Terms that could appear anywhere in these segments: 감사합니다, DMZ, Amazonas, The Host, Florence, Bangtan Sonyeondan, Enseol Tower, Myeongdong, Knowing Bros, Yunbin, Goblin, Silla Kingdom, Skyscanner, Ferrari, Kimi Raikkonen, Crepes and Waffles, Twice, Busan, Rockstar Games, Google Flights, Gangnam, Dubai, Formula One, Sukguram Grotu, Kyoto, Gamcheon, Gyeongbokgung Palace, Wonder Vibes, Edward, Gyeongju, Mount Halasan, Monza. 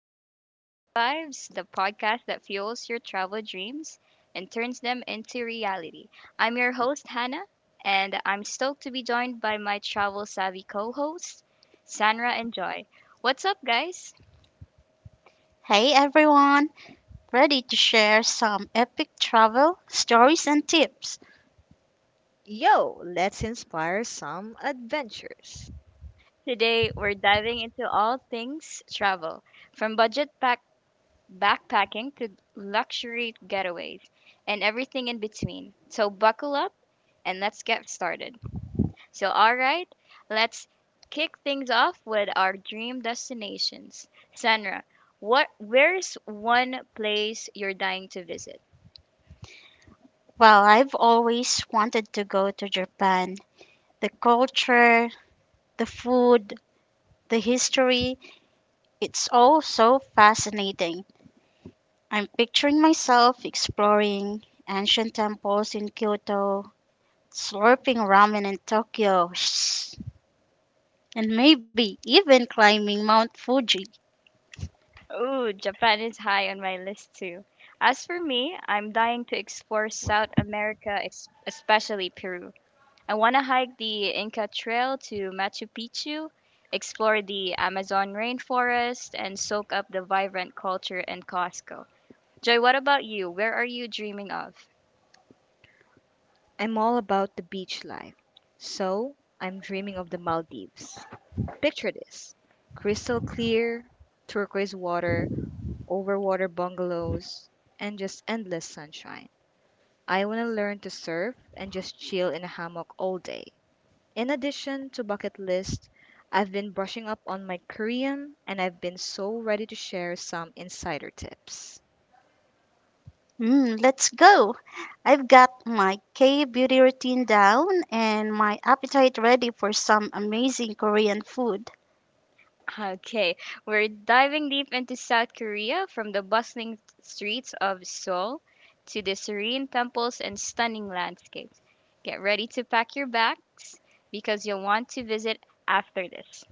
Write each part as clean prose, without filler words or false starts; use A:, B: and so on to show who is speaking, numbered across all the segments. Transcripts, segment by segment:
A: Welcome to Wonder Vibes, the podcast that fuels your travel dreams and turns them into reality. I'm your host, Hannah, and I'm stoked to be joined by my travel savvy co hosts, Sandra and Joy. What's up, guys?
B: Hey everyone, ready to share some epic travel stories and tips?
C: Yo, let's inspire some adventures.
A: Today, we're diving into all things travel, from backpacking to luxury getaways and everything in between. So, buckle up and let's get started. So, all right, let's kick things off with our dream destinations. Sandra, what where's one place you're dying to visit?
B: Well, I've always wanted to go to Japan. The culture, the food, the history, it's all so fascinating. I'm picturing myself exploring ancient temples in Kyoto, slurping ramen in Tokyo, and maybe even climbing Mount Fuji.
A: Ooh, Japan is high on my list too. As for me, I'm dying to explore South America, especially Peru. I want to hike the Inca Trail to Machu Picchu, explore the Amazon rainforest, and soak up the vibrant culture in Costco. Joy, what about you? Where are you dreaming of?
C: I'm all about the beach life, so I'm dreaming of the Maldives. Picture this crystal clear, turquoise water, overwater bungalows, and just endless sunshine. I want to learn to surf and just chill in a hammock all day. In addition to bucket list, I've been brushing up on my Korean and I've been so ready to share some insider tips.
B: Mm, let's go. I've got my K beauty routine down and my appetite ready for some amazing Korean food.
A: Okay, we're diving deep into South Korea, from the bustling streets of Seoul to the serene temples and stunning landscapes. Get ready to pack your bags because you'll want to visit after this.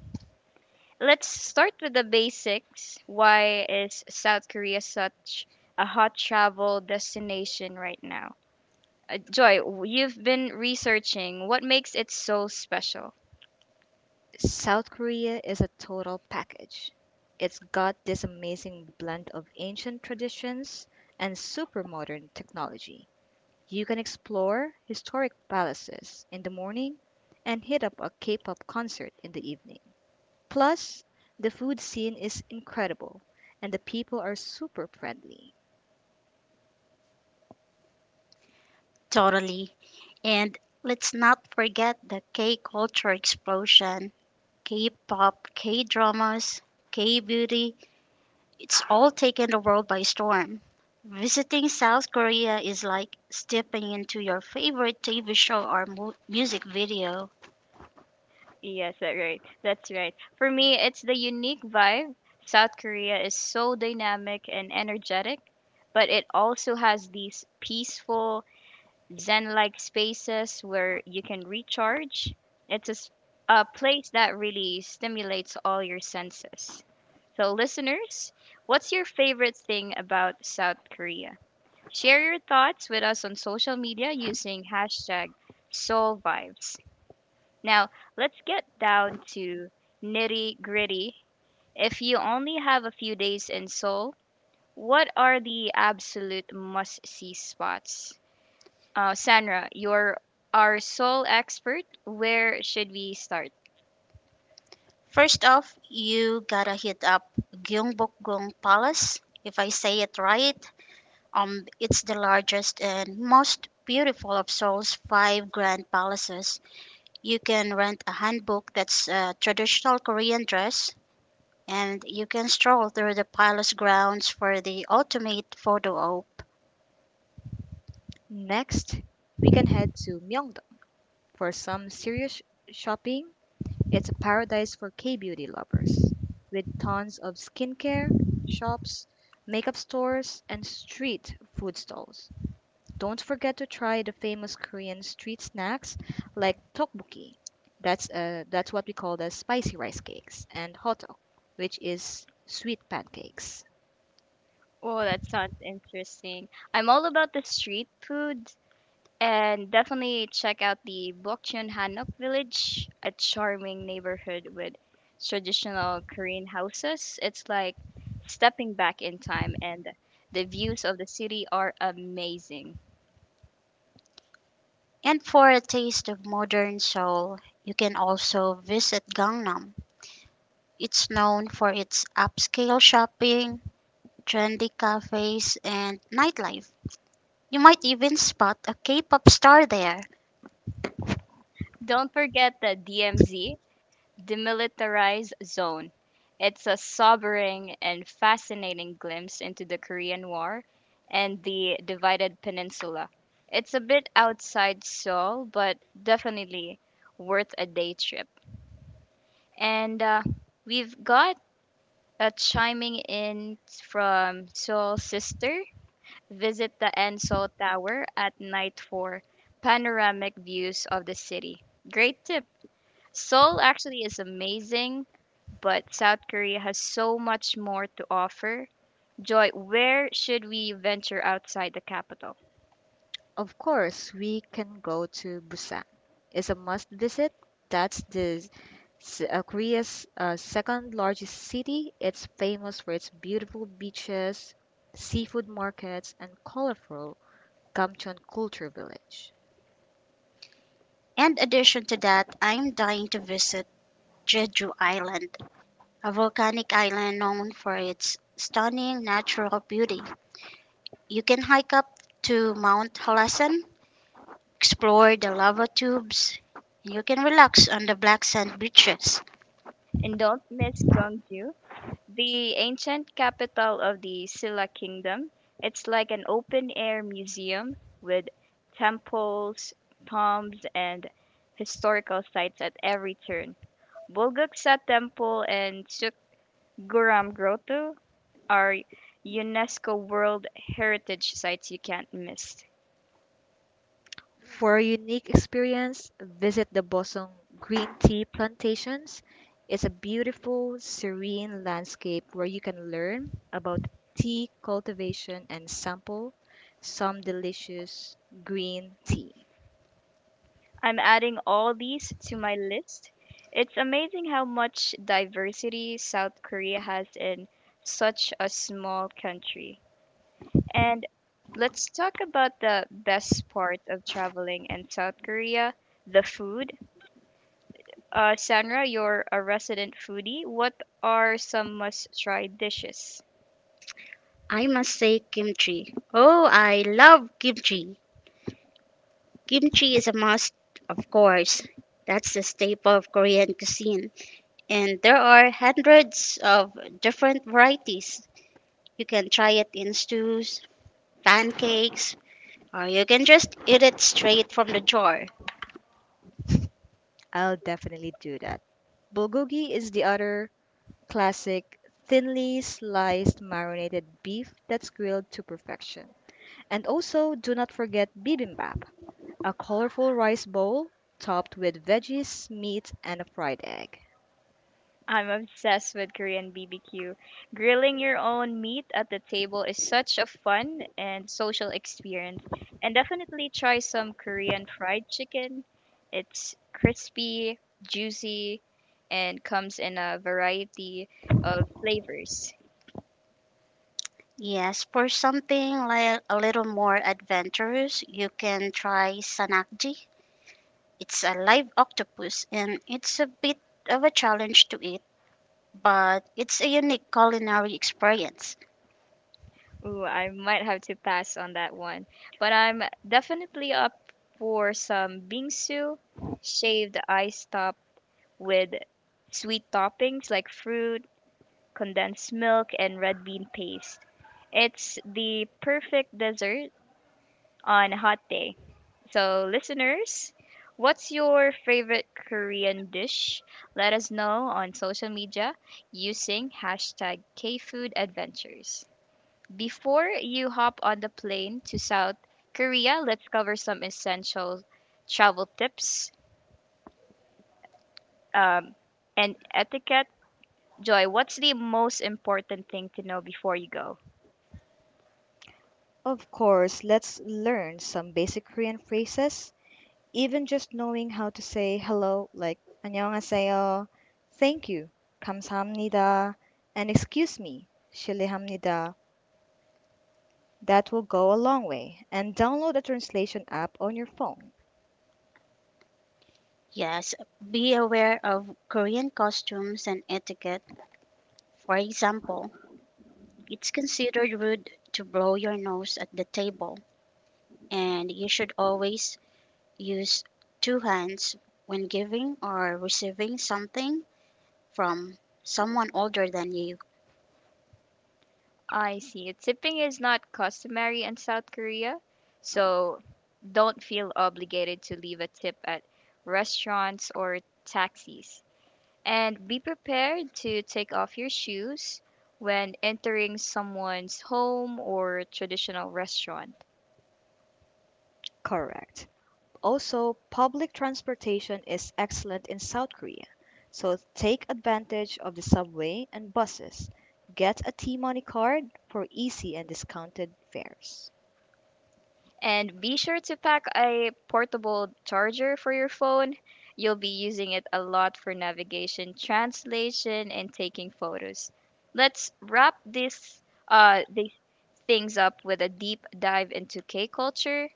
A: Let's start with the basics. Why is South Korea such a hot travel destination right now? Joy, you've been researching what makes it so special.
C: South Korea is a total package. It's got this amazing blend of ancient traditions and super modern technology. You can explore historic palaces in the morning and hit up a K pop concert in the evening. Plus, the food scene is incredible and the people are super friendly.
B: Totally. And let's not forget the K culture explosion K pop, K dramas, K beauty. It's all taken the world by storm. Visiting South Korea is like stepping into your favorite TV show or music video.
A: Yes, That's right. For me, it's the unique vibe. South Korea is so dynamic and energetic, but it also has these peaceful, zen-like spaces where you can recharge. It's a, s- a place that really stimulates all your senses. So, listeners, what's your favorite thing about South Korea? Share your thoughts with us on social media using hashtag SoulVibes. Now, let's get down to nitty gritty. If you only have a few days in Seoul, what are the absolute must see spots? Sandra, you're our Seoul expert. Where should we start?
B: First off, you gotta hit up Gyeongbokgung Palace. If I say it right, it's the largest and most beautiful of Seoul's five grand palaces. You can rent a hanbok, that's a traditional Korean dress, and you can stroll through the palace grounds for the ultimate photo op.
C: Next, we can head to Myeongdong for some serious shopping. It's a paradise for K beauty lovers, with tons of skincare shops, makeup stores, and street food stalls. Don't forget to try the famous Korean street snacks like tteokbokki. That's what we call the spicy rice cakes and hotteok, which is sweet pancakes.
A: Oh, that sounds interesting. I'm all about the street food. And definitely check out the Bokchon Hanok Village, a charming neighborhood with traditional Korean houses. It's like stepping back in time, and the views of the city are amazing.
B: And for a taste of modern Seoul, you can also visit Gangnam. It's known for its upscale shopping, trendy cafes, and nightlife. You might even spot a K pop star there.
A: Don't forget the DMZ, Demilitarized Zone. It's a sobering and fascinating glimpse into the Korean War and the divided peninsula. It's a bit outside Seoul, but definitely worth a day trip. And we've got a chiming in from Seoul Sister. Visit the Enseol Tower at night for panoramic views of the city. Great tip. Seoul actually is amazing, but South Korea has so much more to offer. Joy, where should we venture outside the capital?
C: Of course, we can go to Busan. It's a must visit. That's the Korea's second largest city. It's famous for its beautiful beaches, seafood markets, and colorful Gamcheon culture village.
B: In addition to that, I'm dying to visit Jeju Island, a volcanic island known for its stunning natural beauty. You can hike up to Mount Halasan, explore the lava tubes, and you can relax on the black sand beaches.
A: And don't miss Gyeongju, the ancient capital of the Silla Kingdom. It's like an open air museum with temples, tombs, and historical sites at every turn. Bulguksa Temple and Sukguram Grotu are UNESCO World Heritage sites you can't miss.
C: For a unique experience, visit the Bosong Green Tea Plantations. It's a beautiful, serene landscape where you can learn about tea cultivation and sample some delicious green tea.
A: I'm adding all these to my list. It's amazing how much diversity South Korea has in such a small country. And let's talk about the best part of traveling in South Korea, the food. Sandra, you're a resident foodie. What are some must try dishes?
B: I must say kimchi. Oh, I love kimchi. Kimchi is a must, of course. That's the staple of Korean cuisine. And there are hundreds of different varieties. You can try it in stews, pancakes, or you can just eat it straight from the jar.
C: I'll definitely do that. Bulgogi is the other classic thinly sliced marinated beef that's grilled to perfection. And also, do not forget bibimbap, a colorful rice bowl topped with veggies, meat, and a fried egg.
A: I'm obsessed with Korean BBQ. Grilling your own meat at the table is such a fun and social experience. And definitely try some Korean fried chicken. It's crispy, juicy, and comes in a variety of flavors.
B: Yes, for something like a little more adventurous, you can try sanakji. It's a live octopus and it's a bit of a challenge to eat, but it's a unique culinary experience.
A: Ooh, I might have to pass on that one. But I'm definitely up for some bingsu, shaved ice top with sweet toppings like fruit, condensed milk, and red bean paste. It's the perfect dessert on a hot day. So, listeners, what's your favorite Korean dish? Let us know on social media using hashtag KFoodAdventures. Before you hop on the plane to South Korea, let's cover some essential travel tips um, and etiquette. Joy, what's the most important thing to know before you go?
C: Of course, let's learn some basic Korean phrases. Even just knowing how to say hello, like 안녕하세요, thank you, 감사합니다, and excuse me, 실례합니다, that will go a long way. And download a translation app on your phone.
B: Yes, be aware of Korean costumes and etiquette. For example, it's considered rude to blow your nose at the table, and you should always use two hands when giving or receiving something from someone older than you.
A: I see. Tipping is not customary in South Korea, so don't feel obligated to leave a tip at restaurants or taxis. And be prepared to take off your shoes when entering someone's home or traditional restaurant.
C: Correct. Also, public transportation is excellent in South Korea, so take advantage of the subway and buses. Get a T Money card for easy and discounted fares.
A: And be sure to pack a portable charger for your phone. You'll be using it a lot for navigation, translation, and taking photos. Let's wrap this these things up with a deep dive into K culture.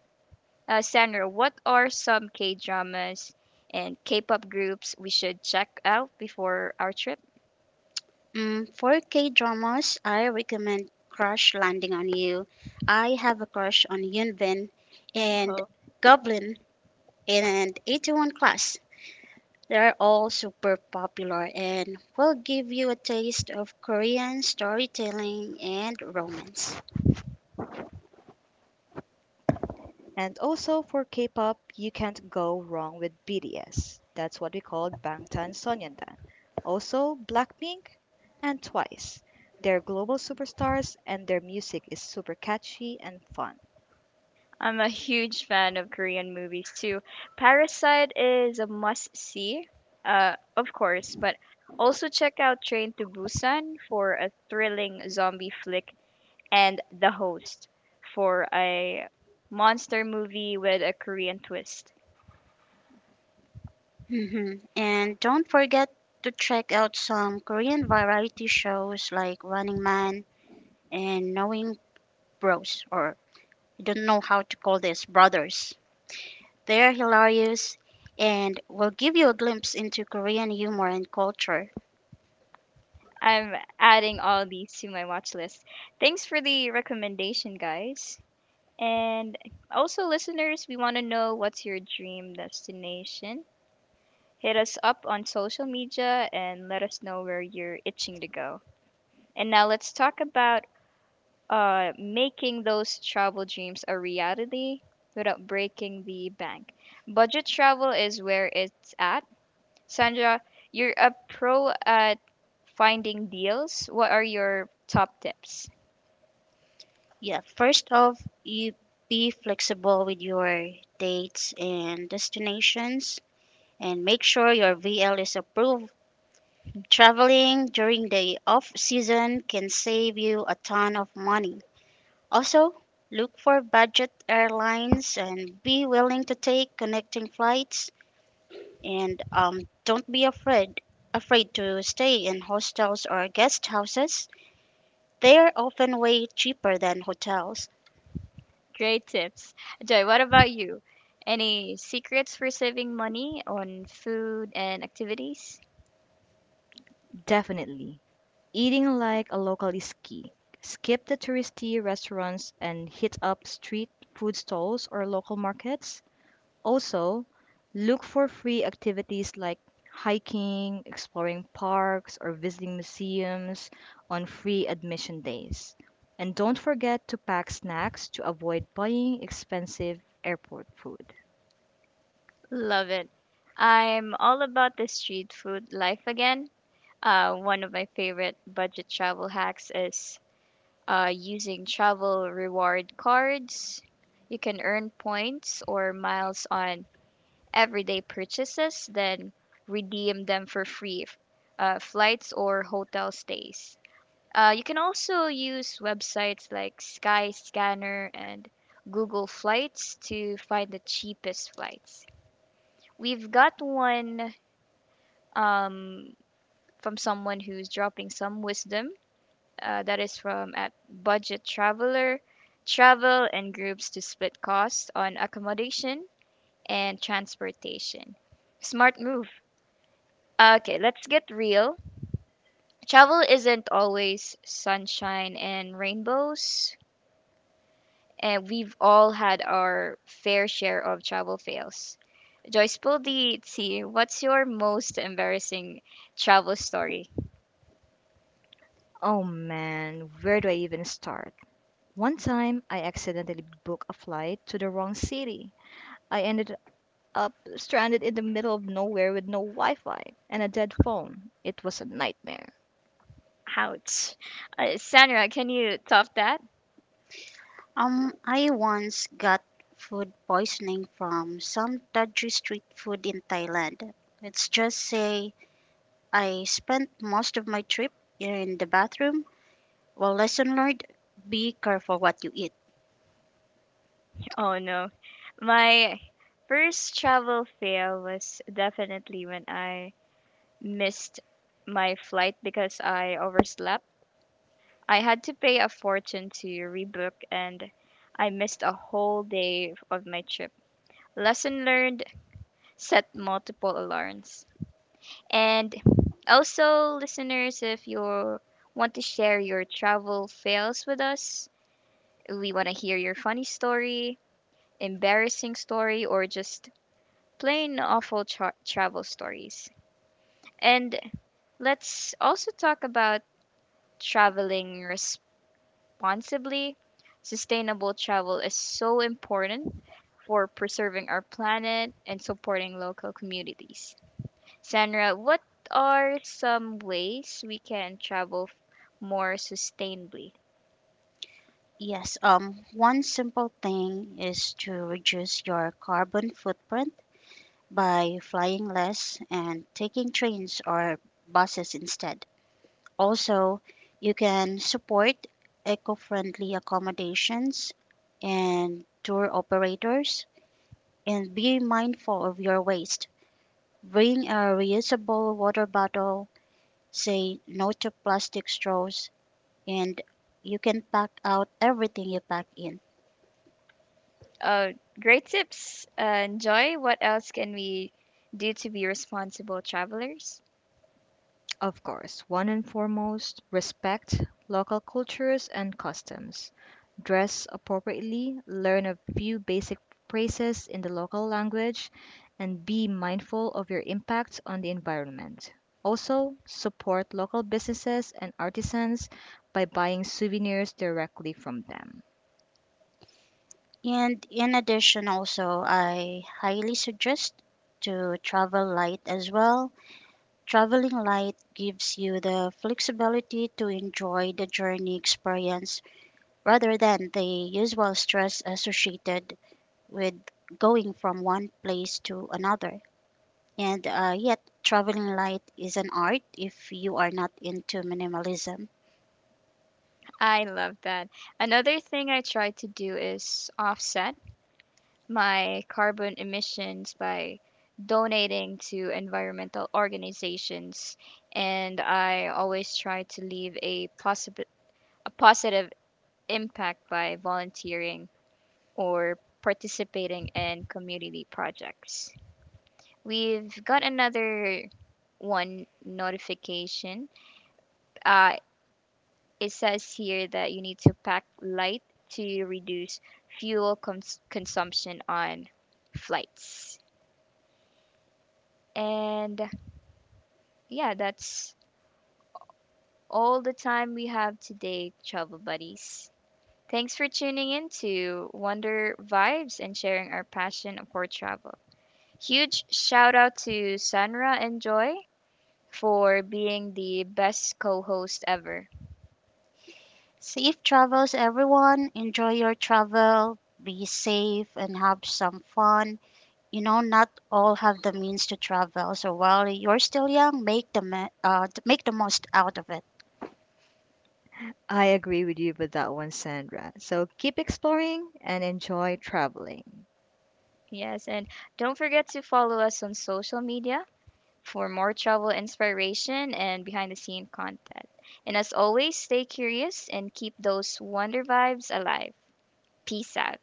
A: Sandra, what are some K dramas and K pop groups we should check out before our trip?
B: Mm, for K dramas, I recommend Crush Landing on You. I have a crush on Yunbin and Goblin and 81 Class. They are all super popular and will give you a taste of Korean storytelling and romance.
C: And also for K-pop, you can't go wrong with BTS. That's what we call Bangtan Sonyeondan. Also Blackpink and Twice. They're global superstars and their music is super catchy and fun.
A: I'm a huge fan of Korean movies too. Parasite is a must see, of course, but also check out Train to Busan for a thrilling zombie flick and The Host for a monster movie with a Korean twist.
B: Hmm. And don't forget to check out some Korean variety shows like Running Man and Knowing Bros, or I don't know how to call this, Brothers. They are hilarious and will give you a glimpse into Korean humor and culture.
A: I'm adding all these to my watch list. Thanks for the recommendation, guys. And also, listeners, we want to know, what's your dream destination? Hit us up on social media and let us know where you're itching to go. And now let's talk about making those travel dreams a reality without breaking the bank. Budget travel is where it's at. Sandra, you're a pro at finding deals. What are your top tips?
B: Yeah, first off, you be flexible with your dates and destinations and make sure your VL is approved. Traveling during the off season can save you a ton of money. Also, look for budget airlines and be willing to take connecting flights and don't be afraid to stay in hostels or guest houses. They are often way cheaper than hotels.
A: Great tips. Joy, what about you? Any secrets for saving money on food and activities?
C: Definitely. Eating like a local is key. Skip the touristy restaurants and hit up street food stalls or local markets. Also, look for free activities like hiking, exploring parks, or visiting museums on free admission days. And don't forget to pack snacks to avoid buying expensive airport food.
A: Love it. I'm all about the street food life again. One of my favorite budget travel hacks is using travel reward cards. You can earn points or miles on everyday purchases, then redeem them for flights or hotel stays. You can also use websites like Skyscanner and Google Flights to find the cheapest flights. We've got one um, from someone who's dropping some wisdom. That is from at budget traveler, travel and groups to split costs on accommodation and transportation. Smart move. Okay, let's get real. Travel isn't always sunshine and rainbows, and we've all had our fair share of travel fails. Joyce Pull, what's your most embarrassing travel story?
C: Oh man, where do I even start? One time, I accidentally booked a flight to the wrong city. I ended up stranded in the middle of nowhere with no Wi Fi and a dead phone. It was a nightmare.
A: Ouch. Sandra, can you top that?
B: I once got food poisoning from some dodgy street food in Thailand. Let's just say I spent most of my trip in the bathroom. Well, lesson learned, be careful what you eat.
A: Oh no. My first travel fail was definitely when I missed my flight because I overslept. I had to pay a fortune to rebook and I missed a whole day of my trip. Lesson learned, set multiple alarms. And also, listeners, if you want to share your travel fails with us, we want to hear your funny story, embarrassing story, or just plain awful travel stories. And let's also talk about traveling responsibly. Sustainable travel is so important for preserving our planet and supporting local communities. Sandra, what are some ways we can more sustainably?
B: Yes, one simple thing is to reduce your carbon footprint by flying less and taking trains or buses instead. Also, you can support eco friendly accommodations and tour operators, and be mindful of your waste. Bring a reusable water bottle, say no to plastic straws, and you can pack out everything you pack in.
A: Uh, Great tips. Joy, what else can we do to be responsible travelers?
C: Of course, one and foremost, respect local cultures and customs. Dress appropriately, learn a few basic phrases in the local language, and be mindful of your impact on the environment. Also, support local businesses and artisans by buying souvenirs directly from them.
B: And in addition, also, I highly suggest to travel light as well. Traveling light gives you the flexibility to enjoy the journey experience rather than the usual stress associated with going from one place to another. And yet, traveling light is an art if you are not into minimalism.
A: I love that. Another thing I try to do is offset my carbon emissions by donating to environmental organizations, and I always try to leave a positive impact by volunteering or participating in community projects. We've got another one notification. Uh, it says here that you need to pack light to reduce consumption on flights. And yeah, that's all the time we have today, travel buddies. Thanks for tuning in to Wonder Vibes and sharing our passion for travel. Huge shout out to Sanra and Joy for being the best co host ever.
B: Safe travels, everyone. Enjoy your travel, be safe, and have some fun. You know, not all have the means to travel, so while you're still young, make make the most out of it.
C: I agree with you with that one, Sandra. So keep exploring and enjoy traveling.
A: Yes, and don't forget to follow us on social media for more travel inspiration and behind the scene content. And as always, stay curious and keep those wonder vibes alive. Peace out.